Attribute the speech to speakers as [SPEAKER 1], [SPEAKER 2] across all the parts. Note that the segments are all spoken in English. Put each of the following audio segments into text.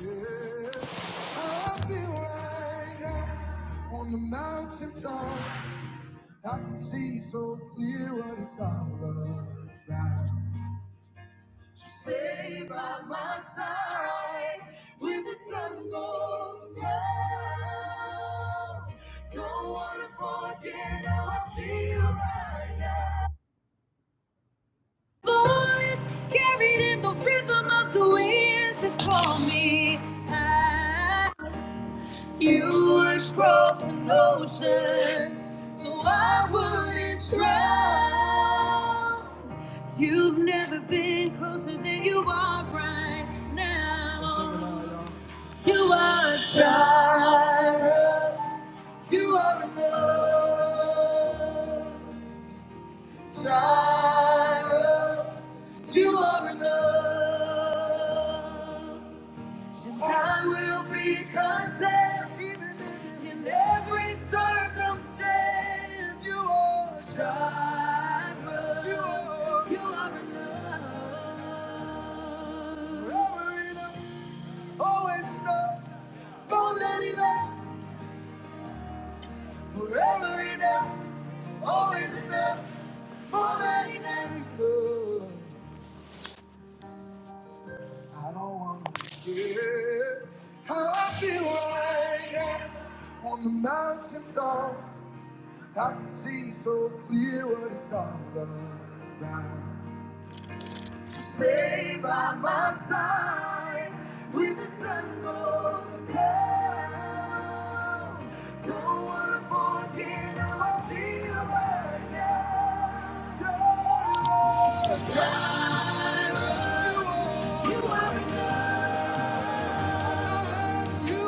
[SPEAKER 1] Yeah, I feel right now on the mountaintop. I can see so clear what it's all about. Just stay by my side when the sun goes down. Don't wanna forget how I feel right now. Voice carried in the rhythm of the wind to call me. You would cross an ocean, so I wouldn't drown. You've never been closer than you are right now. You are a child. You are enough. Child. You are enough. And I will be content even in this in every circumstance. You are Jireh. You are you are forever enough, always enough, more than enough, forever enough, always enough, more than enough. I don't want to forget how I feel right now on the mountaintop. I can see so clear what it's all about. Just stay by my side when the sun goes down. Don't wanna forget how I feel right now. Just Jireh, you are enough. You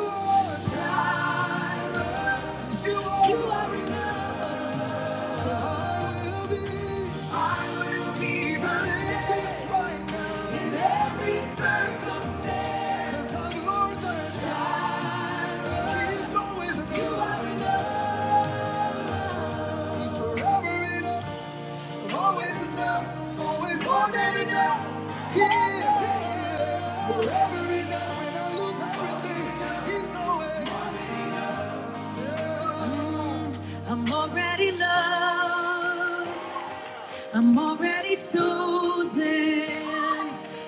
[SPEAKER 1] are enough. You are enough. You are enough. He is, he is, forever enough. When I lose everything, he's always. I'm already loved. I'm already chosen.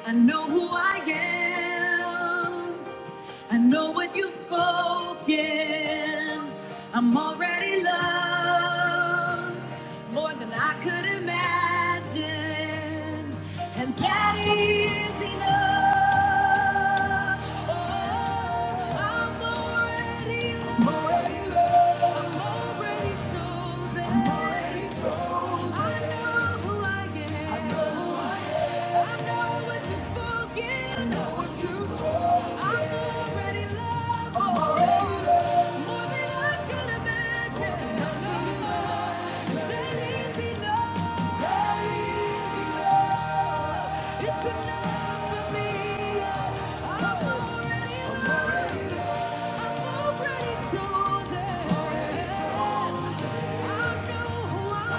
[SPEAKER 1] I know who I am. I know what you've spoken. I'm already loved more than I could imagine. And that is enough. Oh, I'm already loved. I'm already loved. I'm already chosen. I'm already chosen. I know who I am. I know who I am. I know what you've spoken. I know what you've spoken. I'm already loved. I'm already loved. More than I could imagine. More than I could imagine. That is enough. That is enough. It's enough for me. I'm already I'm already loved. I'm already chosen. Already chosen. I know who I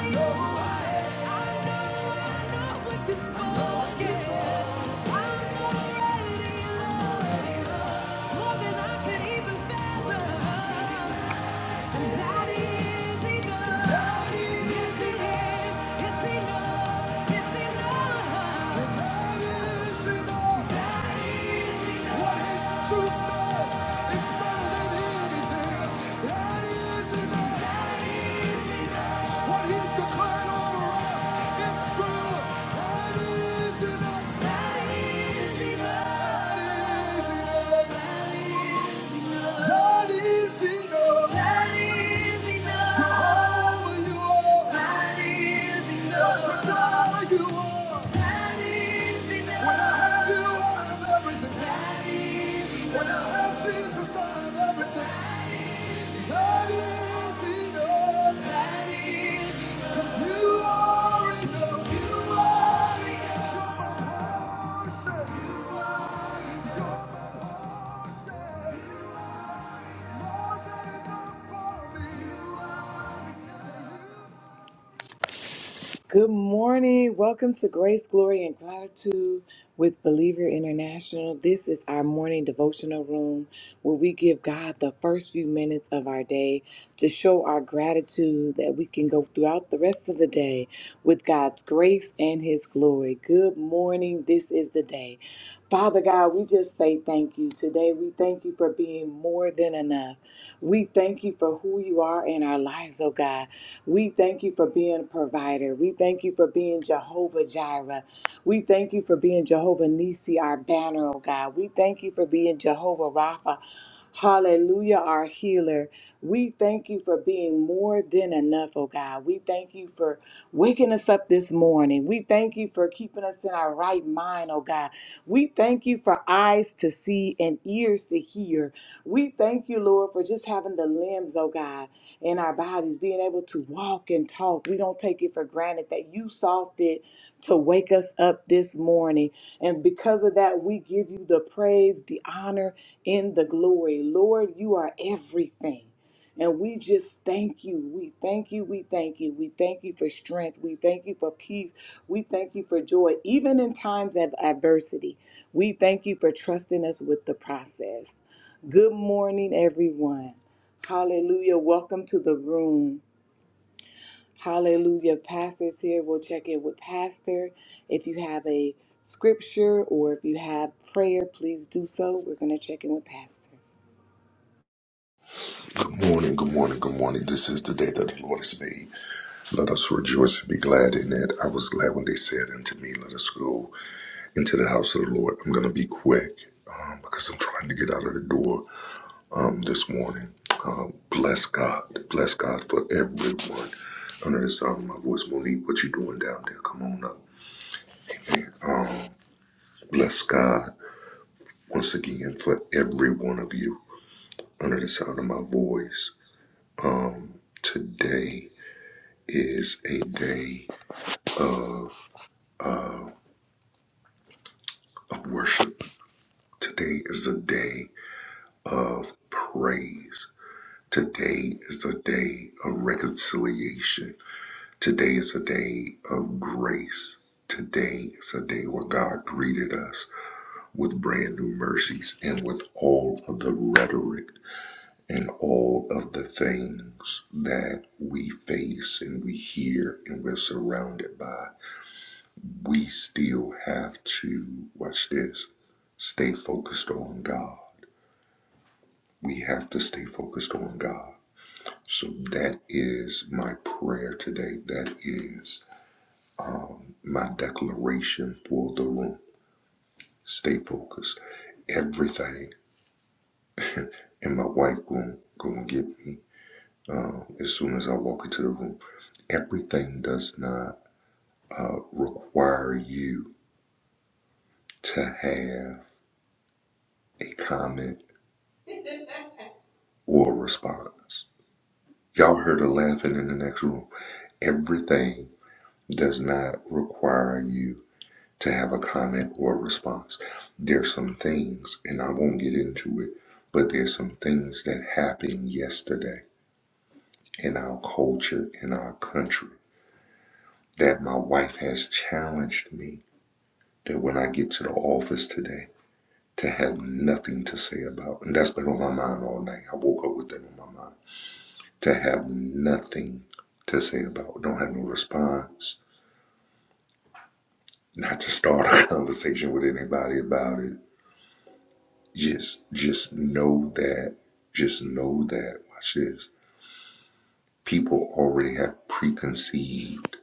[SPEAKER 1] am. I know, I know what you've I know what you've spoken. I'm already loved. More than I can even fathom. And that is enough. That is enough. Yes, it is. It's enough. And that is enough. What his truth says is better than anything. That is enough. What he's declared over us, it's true. That is enough. That is enough. That is enough. Jehovah, you are. El Shaddai, you are. When I have you, I have everything. When I have Jesus, I have everything. That is enough. That is enough. 'Cause you are enough. You are. You're my portion. You're my portion. More than enough for me. You are. Good morning. Welcome to Grace, Glory, and Gratitude with Believer International. This is our morning devotional room where we give God the first few minutes of our day to show our gratitude that we can go throughout the rest of the day with God's grace and His glory. Good morning. This is the day. Father God, we just say thank you. Today, we thank you for being more than enough. We thank you for who you are in our lives, oh God. We thank you for being a provider. We thank you for being Jehovah Jireh. We thank you for being Jehovah Nisi, our banner, oh God. We thank you for being Jehovah Rapha. Hallelujah, our healer. We thank you for being more than enough, oh God. We thank you for waking us up this morning. We thank you for keeping us in our right mind, oh God. We thank you for eyes to see and ears to hear. We thank you, Lord. Lord, for just having the limbs, oh God, in our bodies, being able to walk and talk. We don't take it for granted that you saw fit to wake us up this morning. And because of that, we give you the praise, the honor, and the glory. Lord, you are everything. And we just thank you. We thank you. We thank you. We thank you for strength. We thank you for peace. We thank you for joy, even in times of adversity. We thank you for trusting us with the process. Good morning, everyone. Hallelujah. Welcome to the room. Hallelujah. Pastor's here. We'll check in with Pastor. If you have a scripture or if you have prayer, please do so. We're going to check in with Pastor.
[SPEAKER 2] Good morning, good morning, good morning. This is the day that the Lord has made. Let us rejoice and be glad in it. I was glad when they said unto me, Let us go into the house of the Lord. I'm going to be quick um, because I'm trying to get out of the door um, this morning. Uh, bless God. Bless God for everyone. Under the sound of my voice, Monique, what you doing down there? Come on up. And uh, bless God once again for every one of you. Under the sound of my voice, today is a day. of worship. Today is the day of praise. Today is the day of reconciliation. Today is a day of grace. Today is a day where God greeted us with brand new mercies and with all of the rhetoric and all of the things that we face and we hear and we're surrounded by. We still have to, watch this, stay focused on God We have to stay focused on God. So that is my prayer today. That is my declaration for the room. Stay focused. Everything, and my wife going to get me uh, as soon as I walk into the room. Everything does not uh, require you to have a comment or a response. Y'all heard her laughing in the next room. Everything does not require you to have a comment or a response. There's some things, and I won't get into it, but there's some things that happened yesterday in our culture, in our country, that my wife has challenged me that when I get to the office today, to have nothing to say about. And that's been on my mind all night. I woke up with that on my mind. To have nothing to say about. Don't have no response. Not to start a conversation with anybody about it Just just know that just know that watch this. People already have preconceived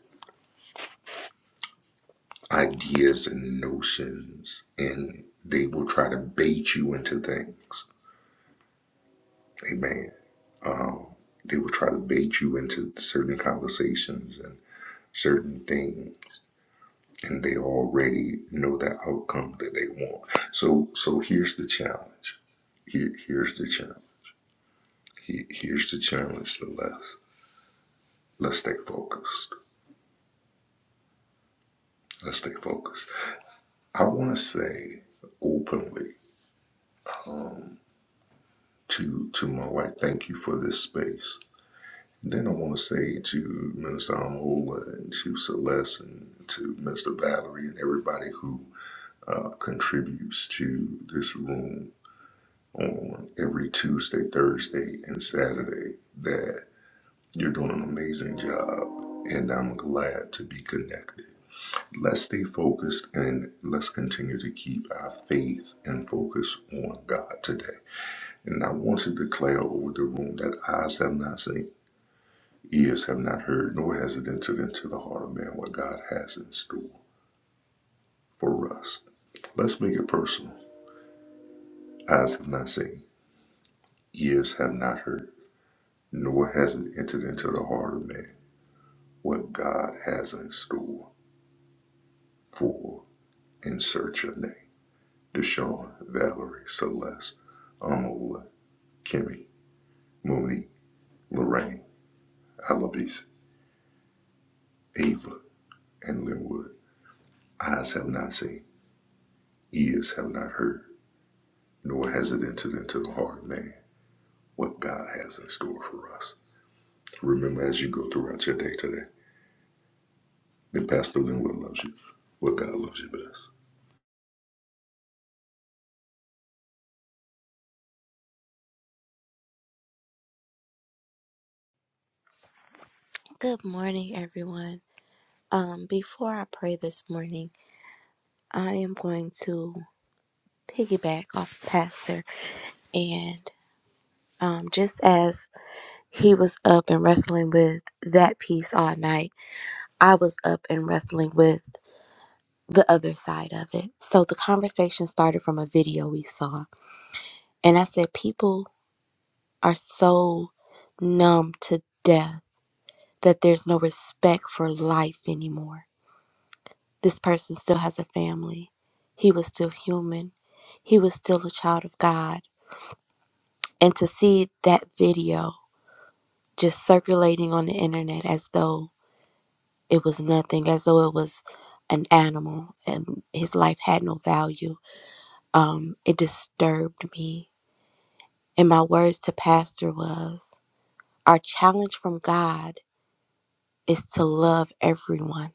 [SPEAKER 2] ideas and notions and they will try to bait you into things. Amen. Um, they will try to bait you into certain conversations and certain things and they already know the outcome that they want. So so here's the challenge. Here, here's the challenge. Here, here's the challenge So let's let's stay focused. Let's stay focused. I want to say openly to to my wife, thank you for this space. Then I want to say to Minister Amola and to Celeste and to Mr. Valerie and everybody who uh, contributes to this room on every Tuesday, Thursday, and Saturday that you're doing an amazing job. And I'm glad to be connected. Let's stay focused and let's continue to keep our faith and focus on God today. And I want to declare over the room that eyes have not seen, ears have not heard, nor has it entered into the heart of man what God has in store for us. Let's make it personal. Eyes have not seen, ears have not heard, nor has it entered into the heart of man what God has in store for In Search of Name. Deshaun, Valerie, Celeste, Amola, Kimmy, Monique, Lorraine, Alabese, Ava, and Linwood. Eyes have not seen, ears have not heard, nor has it entered into the heart of man what God has in store for us. Remember as you go throughout your day today, that Pastor Linwood loves you, but God loves you best.
[SPEAKER 3] Good morning, everyone. Um, before I pray this morning, I am going to piggyback off Pastor and um, just as he was up and wrestling with that piece all night, I was up and wrestling with the other side of it. So the conversation started from a video we saw, and I said, People are so numb to death that there's no respect for life anymore This person still has a family. He was still human. He was still a child of God. And to see that video just circulating on the internet as though it was nothing, as though it was an animal and his life had no value, um, it disturbed me. And my words to Pastor was our challenge from God is to love everyone.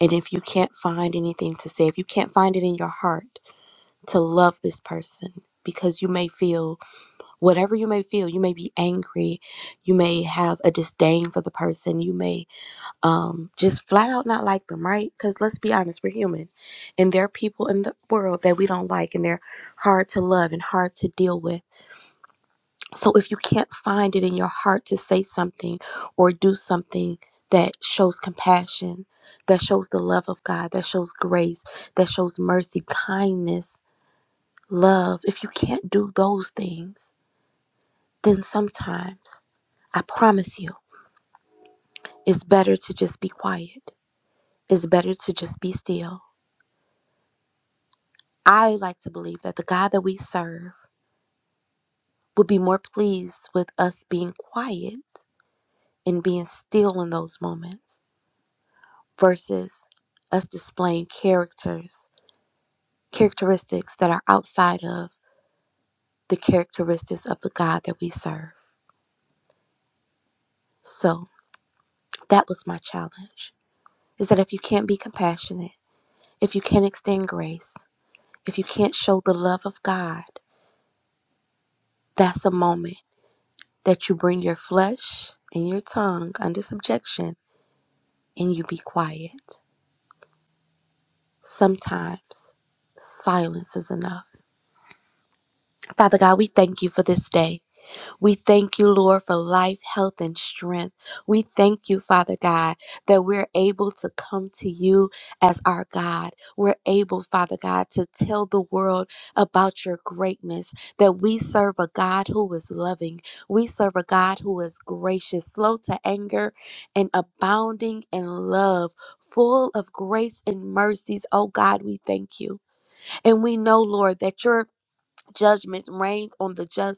[SPEAKER 3] And if you can't find anything to say, if you can't find it in your heart, to love this person because you may feel whatever you may feel you may be angry you may have a disdain for the person you may um just flat out not like them right because let's be honest we're human and there are people in the world that we don't like and they're hard to love and hard to deal with so if you can't find it in your heart to say something or do something that shows compassion that shows the love of god that shows grace that shows mercy kindness love, if you can't do those things, then sometimes I promise you, it's better to just be quiet. It's better to just be still. I like to believe that the God that we serve would be more pleased with us being quiet and being still in those moments versus us displaying characters, characteristics that are outside of the characteristics of the God that we serve. So that was my challenge is that if you can't be compassionate, If you can't extend grace, if you can't show the love of God, that's a moment that you bring your flesh and your tongue under subjection and you be quiet. Sometimes silence is enough. Father God, we thank you for this day. We thank you, Lord, for life, health, and strength. We thank you, Father God, that we're able to come to you as our God. We're able, Father God, to tell the world about your greatness, that we serve a God who is loving. We serve a God who is gracious, slow to anger, and abounding in love. Full of grace and mercies, oh God, we thank you. And we know, Lord, that your judgment reigns on the just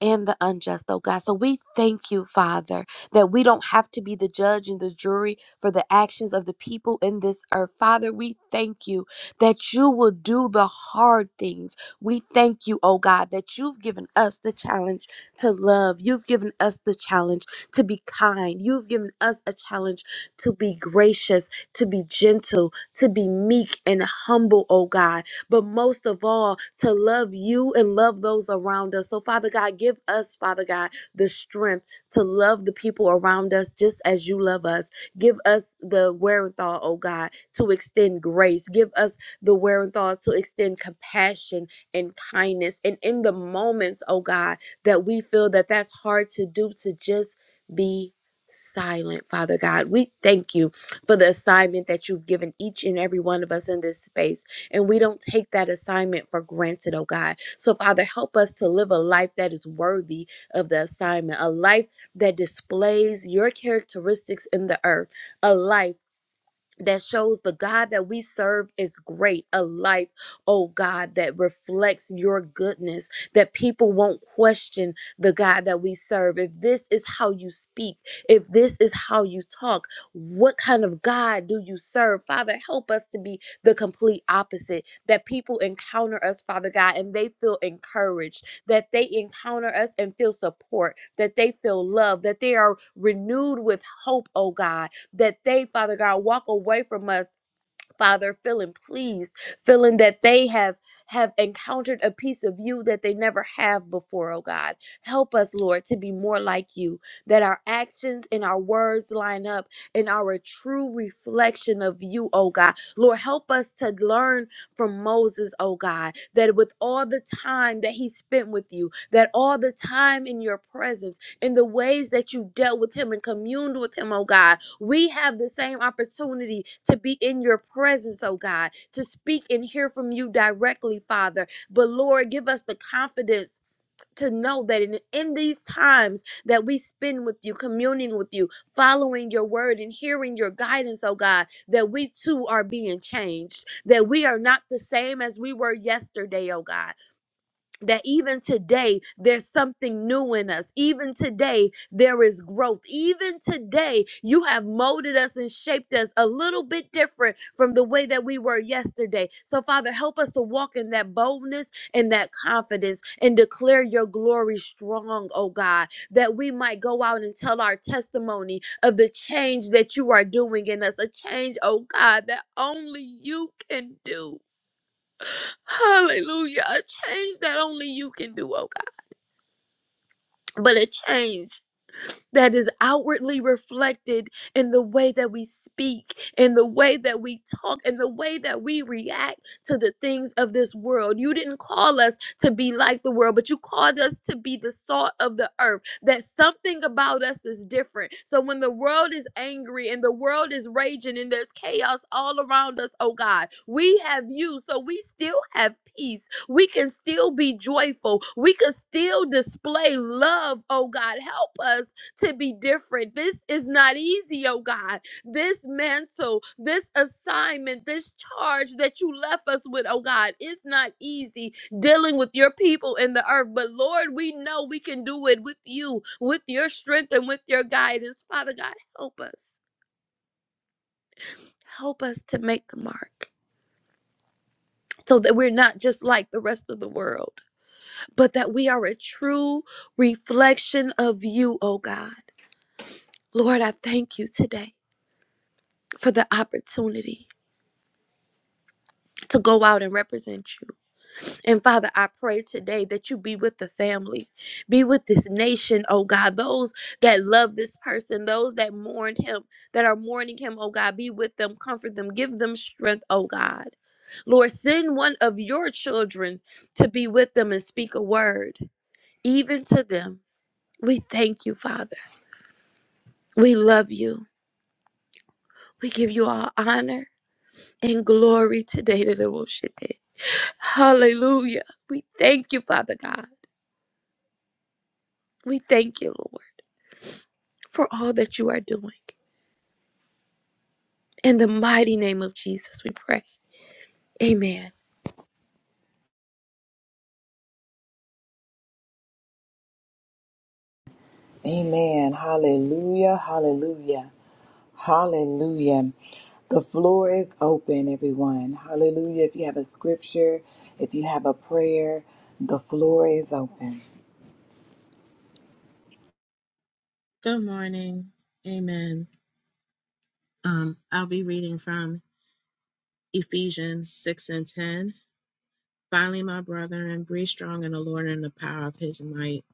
[SPEAKER 3] and the unjust, oh God. So we thank you, Father, that we don't have to be the judge and the jury for the actions of the people in this earth. Father, we thank you that you will do the hard things. We thank you, oh God, that you've given us the challenge to love. You've given us the challenge to be kind. You've given us a challenge to be gracious, to be gentle, to be meek and humble, oh God but most of all, to love you and love those around us. So, Father God, give us, Father God, the strength to love the people around us just as you love us. Give us the wherewithal, oh God, to extend grace. Give us the wherewithal to extend compassion and kindness. And in the moments, oh God, that we feel that that's hard to do, to just be silent, Father God. We thank you for the assignment that you've given each and every one of us in this space. And we don't take that assignment for granted, oh God. So, Father, help us to live a life that is worthy of the assignment, a life that displays your characteristics in the earth, a life that shows the God that we serve is great. A life, oh God, that reflects your goodness, that people won't question the God that we serve. If this is how you speak, if this is how you talk, what kind of God do you serve? Father, help us to be the complete opposite, that people encounter us, Father God, and they feel encouraged, that they encounter us and feel support, that they feel love, that they are renewed with hope, oh God, that they, Father God, walk away from us, Father, feeling pleased, feeling that they have have encountered a piece of you that they never have before, oh God. Help us, Lord, to be more like you, that our actions and our words line up and are a true reflection of you, oh God. Lord, help us to learn from Moses, oh God, that with all the time that he spent with you, that all the time in your presence, in the ways that you dealt with him and communed with him, oh God, we have the same opportunity to be in your presence, oh God, to speak and hear from you directly, Father. But Lord, give us the confidence to know that in, in these times that we spend with you, communing with you, following your word and hearing your guidance, oh God, that we too are being changed, that we are not the same as we were yesterday, oh God, that even today there's something new in us. Even today there is growth. Even today you have molded us and shaped us a little bit different from the way that we were yesterday. So, Father, help us to walk in that boldness and that confidence and declare your glory strong, oh God, that we might go out and tell our testimony of the change that you are doing in us, a change, oh God, that only you can do. Hallelujah. A change that only you can do, oh God. But a change that is outwardly reflected in the way that we speak, in the way that we talk, in the way that we react to the things of this world. You didn't call us to be like the world, but you called us to be the salt of the earth. That something about us is different. So when the world is angry and the world is raging and there's chaos all around us, oh God, we have you. So we still have peace. We can still be joyful. We can still display love, oh God. Help us to be different. This is not easy, oh God. This mantle, this assignment, this charge that you left us with, oh God, it's not easy dealing with your people in the earth. But Lord, we know we can do it with you, with your strength and with your guidance. Father God, help us. Help us to make the mark. So that we're not just like the rest of the world, but that we are a true reflection of you, oh God. Lord, I thank you today for the opportunity to go out and represent you. And Father, I pray today that you be with the family, be with this nation, oh God, those that love this person, those that mourned him, that are mourning him, oh God, be with them, comfort them, give them strength, oh God. Lord, send one of your children to be with them and speak a word, even to them. We thank you, Father. We love you. We give you all honor and glory today to the Hallelujah. We thank you, Father God. We thank you, Lord, for all that you are doing. In the mighty name of Jesus, we pray. Amen.
[SPEAKER 1] Amen. Hallelujah. Hallelujah. Hallelujah. The floor is open, everyone. Hallelujah. If you have a scripture, if you have a prayer, the floor is open.
[SPEAKER 4] Good morning. Amen. Um, I'll be reading from Ephesians 6 and 10. Finally, my brethren, be strong in the Lord and the power of his might.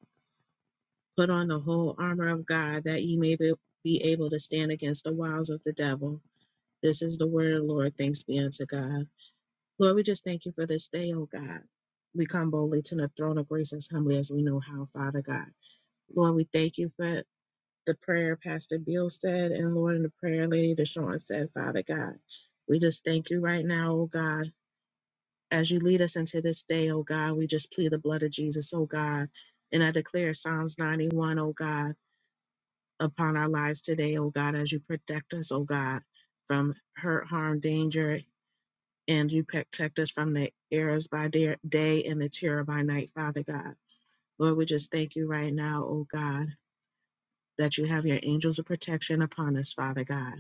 [SPEAKER 4] Put on the whole armor of God that ye may be, be able to stand against the wiles of the devil. This is the word of the Lord. Thanks be unto God. Lord, we just thank you for this day, oh God. We come boldly to the throne of grace as humbly as we know how, Father God. Lord, we thank you for the prayer Pastor Bill said, and Lord, in the prayer Lady Deshawn said, Father God, we just thank you right now, oh God, as you lead us into this day, oh God, we just plead the blood of Jesus, oh God, and I declare Psalms 91, O God, upon our lives today, oh God, as you protect us, oh God, from hurt, harm, danger, and you protect us from the errors by day day and the terror by night, Father God. Lord, we just thank you right now, oh God, that you have your angels of protection upon us, Father God.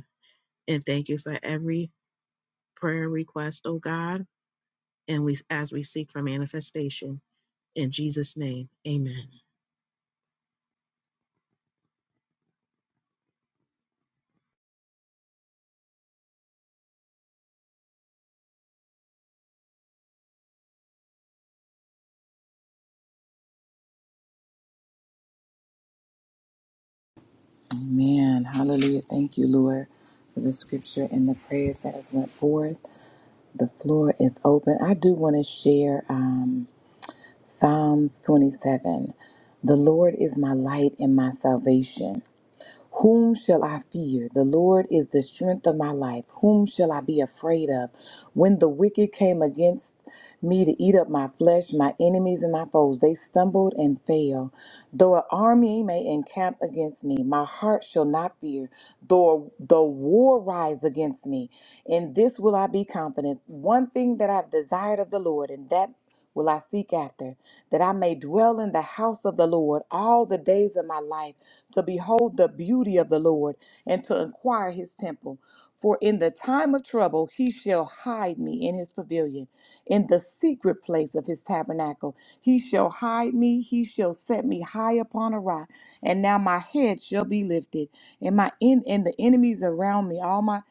[SPEAKER 4] and thank you for every prayer request, oh God. And we as we seek for manifestation in Jesus' name, Amen.
[SPEAKER 1] me to eat up my flesh, my enemies and my foes. They stumbled and fell. Though an army may encamp against me, my heart shall not fear. Though the war rise against me, in this will I be confident. One thing that I've desired of the Lord, and that will I seek after, that I may dwell in the house of the Lord all the days of my life, to behold the beauty of the Lord and to inquire his temple. For in the time of trouble he shall hide me in his pavilion, in the secret place of his tabernacle. He shall hide me, he shall set me high upon a rock, and now my head shall be lifted, and my in and the enemies around me, all my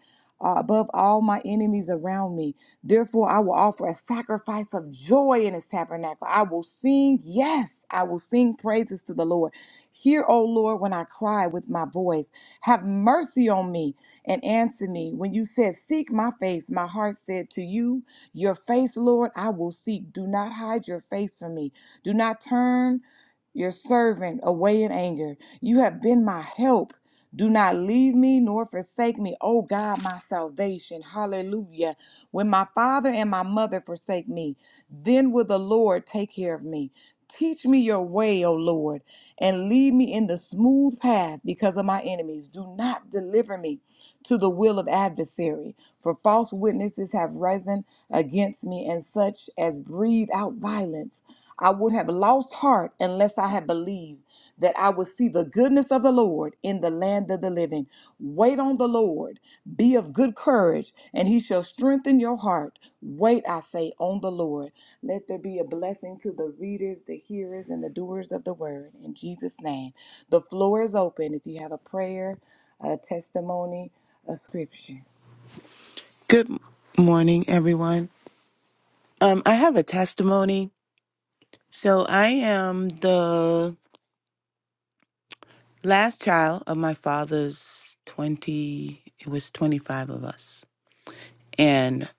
[SPEAKER 1] uh, above all my enemies around me. Therefore, I will offer a sacrifice of joy in his tabernacle. I will sing, yes, I will sing praises to the Lord. Hear, O Lord, when I cry with my voice. Have mercy on me and answer me. When you said, Seek my face, my heart said to you, Your face, Lord, I will seek. Do not hide your face from me. Do not turn your servant away in anger. You have been my help. Do not leave me nor forsake me, O God, my salvation. Hallelujah. When my father and my mother forsake me, then will the Lord take care of me. Teach me your way, O Lord, and lead me in the smooth path because of my enemies. Do not deliver me to the will of adversary. For false witnesses have risen against me, and such as breathe out violence. I would have lost heart unless I had believed that I would see the goodness of the Lord in the land of the living. Wait on the Lord. Be of good courage, and he shall strengthen your heart. Wait, I say, on the Lord. Let there be a blessing to the readers, the hearers, and the doers of the word. In Jesus' name, the floor is open if you have a prayer, a testimony, a scripture.
[SPEAKER 5] Good morning, everyone. Um, I have a testimony. So I am the last child of my father's 20, it was 25 of us. And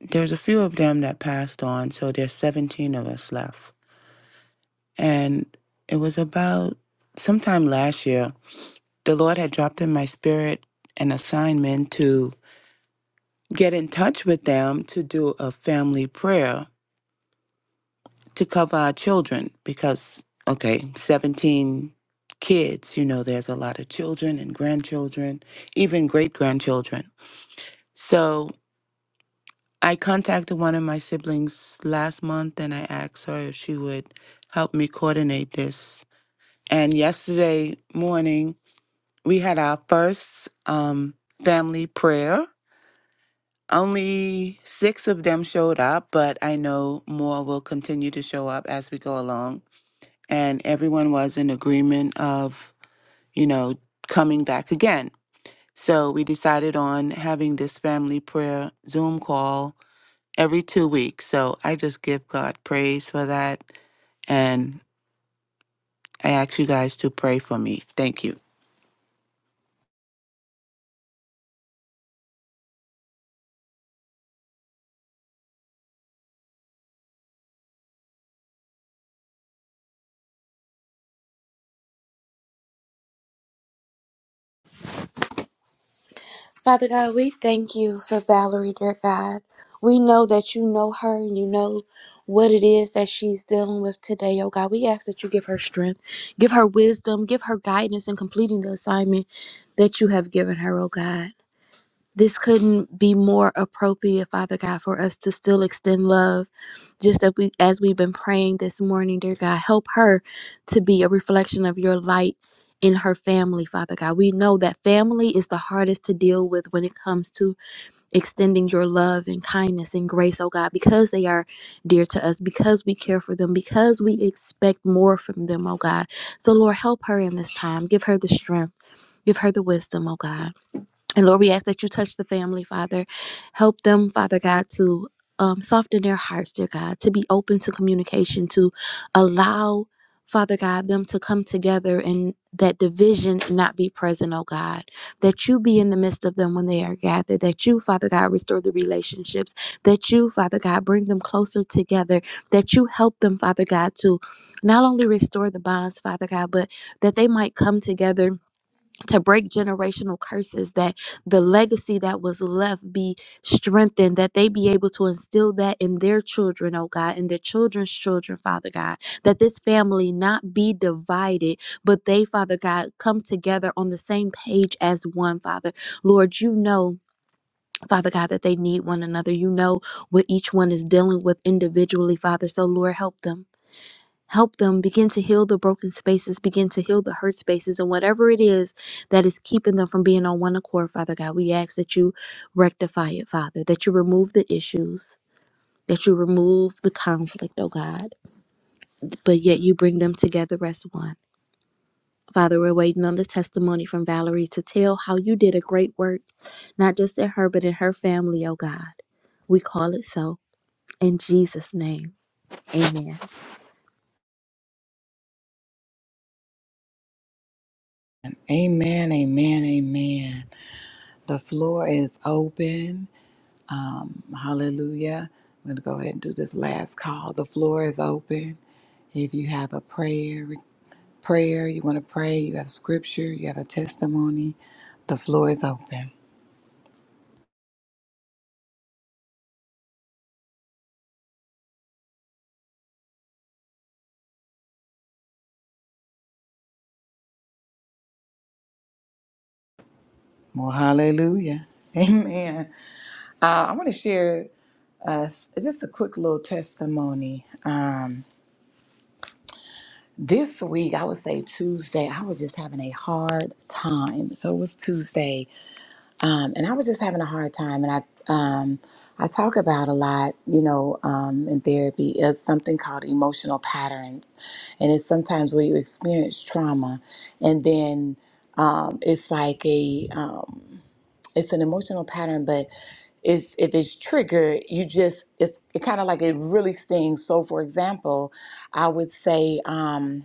[SPEAKER 5] there's a few of them that passed on. So there's 17 of us left. And it was about sometime last year, the Lord had dropped in my spirit an assignment to get in touch with them to do a family prayer to cover our children because okay 17 kids you know there's a lot of children and grandchildren even great grandchildren so i contacted one of my siblings last month and i asked her if she would help me coordinate this and yesterday morning we had our first um, family prayer only six of them showed up but i know more will continue to show up as we go along and everyone was in agreement of, you know, coming back again. So we decided on having this family prayer Zoom call every two weeks. So I just give God praise for that. And I ask you guys to pray for me. Thank you.
[SPEAKER 3] Father God, we thank you for Valerie, dear God. We know that you know her and you know what it is that she's dealing with today, oh God. We ask that you give her strength, give her wisdom, give her guidance in completing the assignment that you have given her, oh God. this couldn't be more appropriate, Father God, for us to still extend love. Just as, we, as we've been praying this morning, dear God, help her to be a reflection of your light in her family, Father God. We know that family is the hardest to deal with when it comes to extending your love and kindness and grace, oh God, because they are dear to us, because we care for them, because we expect more from them, oh God. So, Lord, help her in this time. Give her the strength, give her the wisdom, oh God. And Lord, we ask that you touch the family, Father. Help them, Father God, to um, soften their hearts, dear God, to be open to communication, to allow, Father God, them to come together and that division not be present, oh God. That you be in the midst of them when they are gathered. That you, Father God, restore the relationships. That you, Father God, bring them closer together. That you help them, Father God, to not only restore the bonds, Father God, but that they might come together to break generational curses that the legacy that was left be strengthened that they be able to instill that in their children oh god in their children's children father god that this family not be divided but they father god come together on the same page as one father lord you know Father God, that they need one another. You know what each one is dealing with individually, Father. So, Lord, help them. Help them begin to heal the broken spaces, begin to heal the hurt spaces, and whatever it is that is keeping them from being on one accord, Father God, we ask that you rectify it, Father, that you remove the issues, that you remove the conflict, oh God, but yet you bring them together as one. Father, we're waiting on the testimony from Valerie to tell how you did a great work, not just in her, but in her family, oh God. We call it so. In Jesus' name, amen.
[SPEAKER 1] Amen, amen, amen. The floor is open. Um, hallelujah. I'm going to go ahead and do this last call. The floor is open. If you have a prayer, prayer, you want to pray, you have scripture, you have a testimony, the floor is open. Well, hallelujah. Amen. Uh, I want to share uh, just a quick little testimony. Um, this week, I would say Tuesday, I was just having a hard time. So it was Tuesday um, and I was just having a hard time. And I um, I talk about a lot, you know, um, in therapy is something called emotional patterns, and it's sometimes where you experience trauma, and then um, it's like a um, it's an emotional pattern, but it's if it's triggered, you just it's it kind of like it really stings. So, for example, I would say. Um,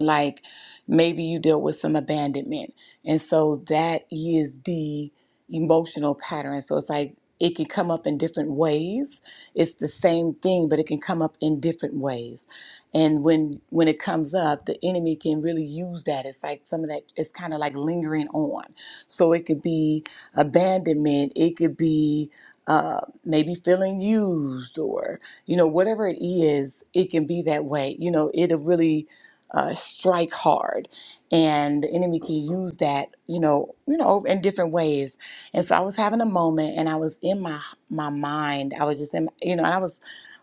[SPEAKER 1] like maybe you deal with some abandonment and so that is the emotional pattern so it's like it can come up in different ways it's the same thing but it can come up in different ways and when when it comes up the enemy can really use that it's like some of that it's kind of like lingering on so it could be abandonment it could be uh, maybe feeling used or you know whatever it is it can be that way you know it'll really uh, strike hard and the enemy can use that you know you know in different ways and so i was having a moment and i was in my my mind i was just in you know and i was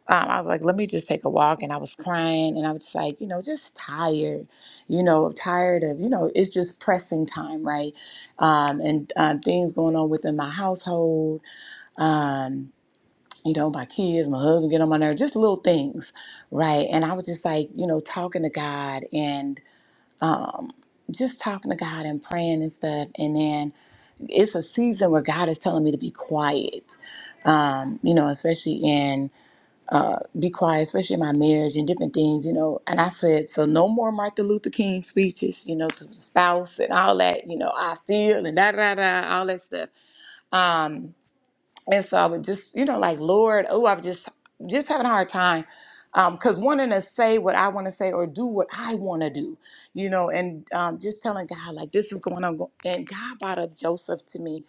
[SPEAKER 1] um, i was like let me just take a walk and i was crying and i was like you know just tired you know tired of you know it's just pressing time right um, and um, things going on within my household um, you know my kids my husband get on my nerves just little things right and i was just like you know talking to god and um, just talking to God and praying and stuff. And then it's a season where God is telling me to be quiet, um, you know, especially in uh, be quiet, especially in my marriage and different things, you know. And I said, so no more Martin Luther King speeches, you know, to the spouse and all that, you know, I feel and da da da, all that stuff. Um, and so I would just, you know, like, Lord, oh, I've just just having a hard time. Um, cause wanting to say what I want to say or do what I want to do, you know, and um, just telling God like this is going on, go- and God brought up Joseph to me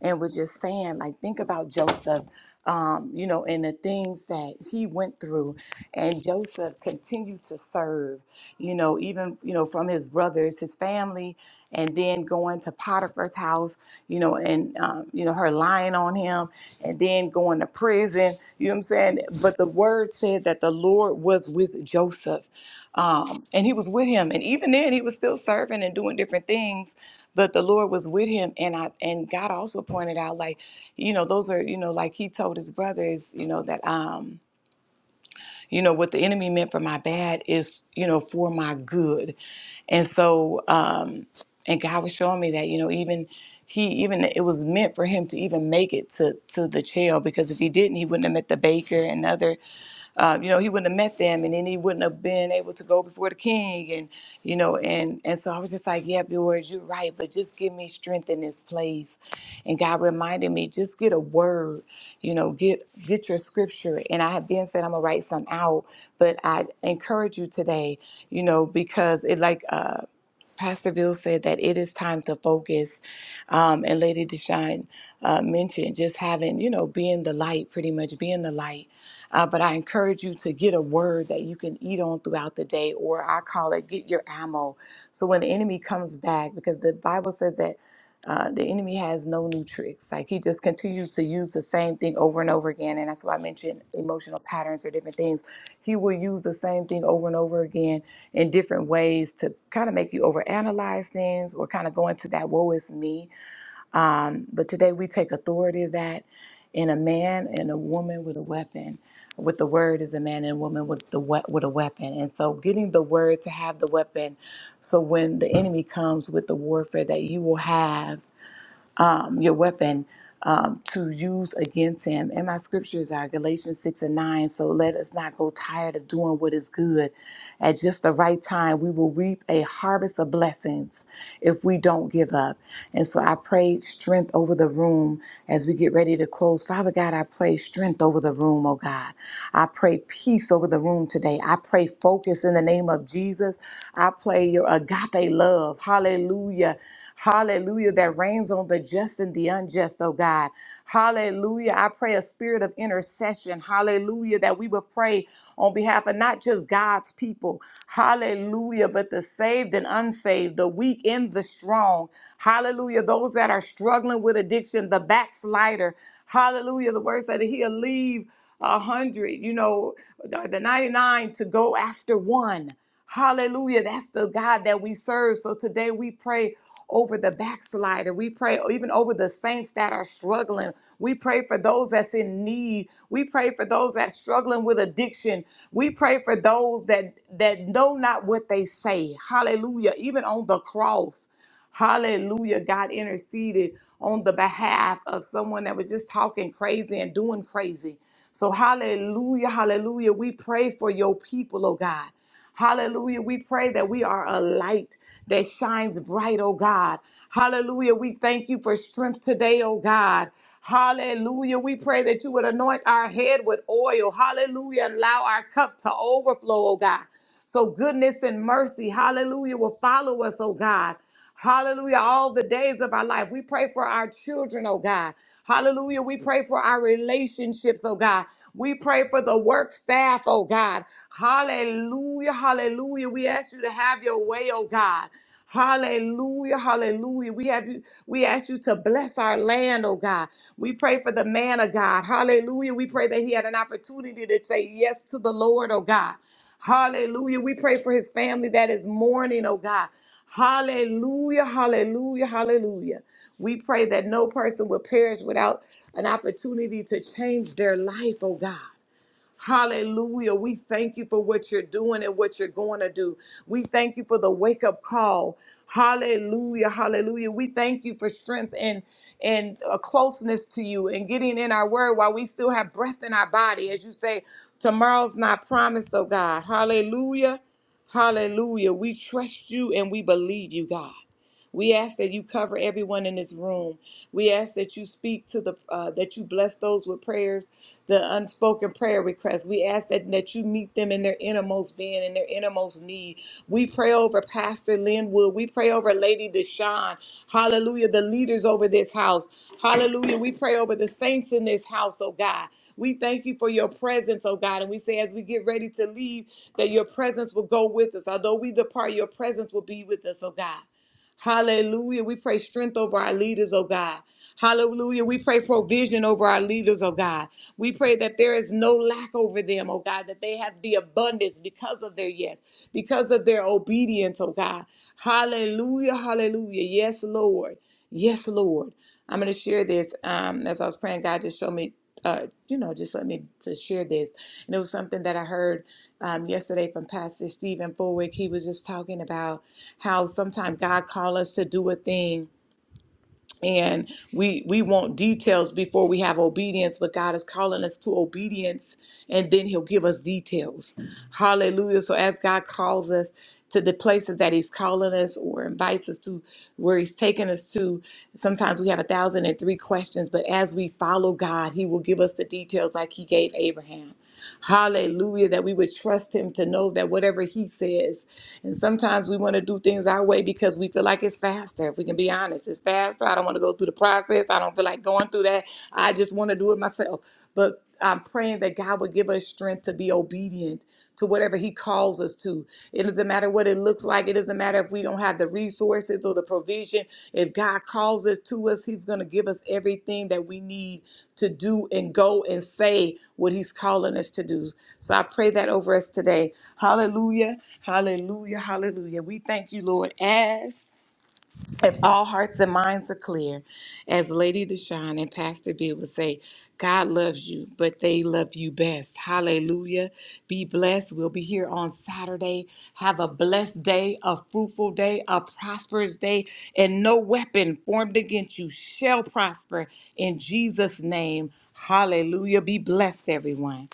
[SPEAKER 1] and was just saying, like, think about Joseph, um, you know, and the things that he went through. And Joseph continued to serve, you know, even, you know, from his brothers, his family, and then going to Potiphar's house, you know, and, um, you know, her lying on him, and then going to prison, you know what I'm saying? But the word said that the Lord was with Joseph um, and he was with him. And even then, he was still serving and doing different things, but the Lord was with him. And I and God also pointed out, like, you know, those are, you know, like he told his brothers, you know, that um, you know, what the enemy meant for my bad is, you know, for my good. And so, um, and God was showing me that, you know, even he even it was meant for him to even make it to to the jail because if he didn't, he wouldn't have met the baker and other uh, you know, he wouldn't have met them, and then he wouldn't have been able to go before the king. And you know, and and so I was just like, "Yeah, Lord, you're right, but just give me strength in this place." And God reminded me, just get a word. You know, get get your scripture. And I had been said I'm gonna write some out, but I encourage you today. You know, because it like. Uh, Pastor Bill said that it is time to focus, um, and Lady Deshawn uh, mentioned just having, you know, being the light, pretty much being the light uh, but I encourage you to get a word that you can eat on throughout the day, or I call it get your ammo. So when the enemy comes back, because the Bible says that uh, the enemy has no new tricks. Like he just continues to use the same thing over and over again. And that's why I mentioned emotional patterns or different things. He will use the same thing over and over again in different ways to kind of make you overanalyze things or kind of go into that woe is me um, but today we take authority of that in a man and a woman with a weapon. With the word is a man and woman with the we- with a weapon, and so getting the word to have the weapon, so when the enemy comes with the warfare that you will have um, your weapon um, to use against him. And my scriptures are Galatians 6 and 9. So let us not go tired of doing what is good. At just the right time, we will reap a harvest of blessings if we don't give up. And so I pray strength over the room as we get ready to close. Father God, I pray strength over the room, oh God. I pray peace over the room today. I pray focus in the name of Jesus. I pray your agape love. Hallelujah. Hallelujah. That reigns on the just and the unjust, oh God. Hallelujah. I pray a spirit of intercession. Hallelujah. That we will pray on behalf of not just God's people. Hallelujah. But the saved and unsaved, the weak and the strong. Hallelujah. Those that are struggling with addiction, the backslider. Hallelujah. The words that he'll leave a hundred, you know, the the 99 to go after one. Hallelujah. That's the God that we serve. So today we pray over the backslider. We pray even over the saints that are struggling. We pray for those that's in need. We pray for those that's struggling with addiction. We pray for those that that know not what they say. Hallelujah. Even on the cross. Hallelujah. God interceded on the behalf of someone that was just talking crazy and doing crazy. So hallelujah, hallelujah. We pray for your people, oh God. Hallelujah. We pray that we are a light that shines bright, oh God. Hallelujah. We thank you for strength today, oh God. Hallelujah. We pray that you would anoint our head with oil. Hallelujah. And allow our cup to overflow, oh God. So goodness and mercy, hallelujah, will follow us, oh God. Hallelujah. All the days of our life. We pray for our children, oh God. Hallelujah. We pray for our relationships, oh God. We pray for the work staff, oh God. Hallelujah. Hallelujah. We ask you to have your way, oh God. Hallelujah, hallelujah. We have you, we ask you to bless our land, oh God. We pray for the man of God. Hallelujah. We pray that he had an opportunity to say yes to the Lord, oh God. Hallelujah. We pray for his family that is mourning, oh God. Hallelujah, hallelujah, hallelujah. We pray that no person will perish without an opportunity to change their life, oh God. Hallelujah. We thank you for what you're doing and what you're going to do. We thank you for the wake up call. Hallelujah. Hallelujah. We thank you for strength and and a closeness to you and getting in our word while we still have breath in our body. As you say, tomorrow's not promised, oh God. Hallelujah. Hallelujah. We trust you and we believe you, God. We ask that you cover everyone in this room. We ask that you speak to the, uh, that you bless those with prayers, the unspoken prayer requests. We ask that, that you meet them in their innermost being, in their innermost need. We pray over Pastor Linwood. We pray over Lady Deshawn. Hallelujah. The leaders over this house. Hallelujah. We pray over the saints in this house, oh God. We thank you for your presence, oh God. And we say, as we get ready to leave, that your presence will go with us. Although we depart, your presence will be with us, oh God. Hallelujah. We pray strength over our leaders, oh God. Hallelujah. We pray provision over our leaders, oh God. We pray that there is no lack over them, oh God, that they have the abundance because of their yes, because of their obedience, oh God. Hallelujah. Hallelujah. Yes, Lord. Yes, Lord. I'm going to share this. Um, as I was praying, God just showed me, uh, you know, just let me to share this. And it was something that I heard um, yesterday from Pastor Stephen Fulwick. He was just talking about how sometimes God call us to do a thing and we we want details before we have obedience but god is calling us to obedience and then he'll give us details hallelujah so as god calls us to the places that he's calling us or invites us to where he's taking us to sometimes we have a thousand and three questions but as we follow god he will give us the details like he gave abraham Hallelujah, that we would trust him to know that whatever he says. And sometimes we want to do things our way because we feel like it's faster. If we can be be honest. It's fast. I don't want to go through the process. I don't feel like going through that. I just want to do it myself. But I'm praying that God would give us strength to be obedient to whatever He calls us to. It doesn't matter what it looks like. It doesn't matter if we don't have the resources or the provision. If God calls us to us, He's going to give us everything that we need to do and go and say what He's calling us to do. So I pray that over us today. Hallelujah. Hallelujah. Hallelujah. We thank you, Lord, as if all hearts and minds are clear, as Lady Deshawn and Pastor B would say, God loves you, but they love you best. Hallelujah. Be blessed. We'll be here on Saturday. Have a blessed day, a fruitful day, a prosperous day, and no weapon formed against you shall prosper in Jesus' name. Hallelujah. Be blessed, everyone.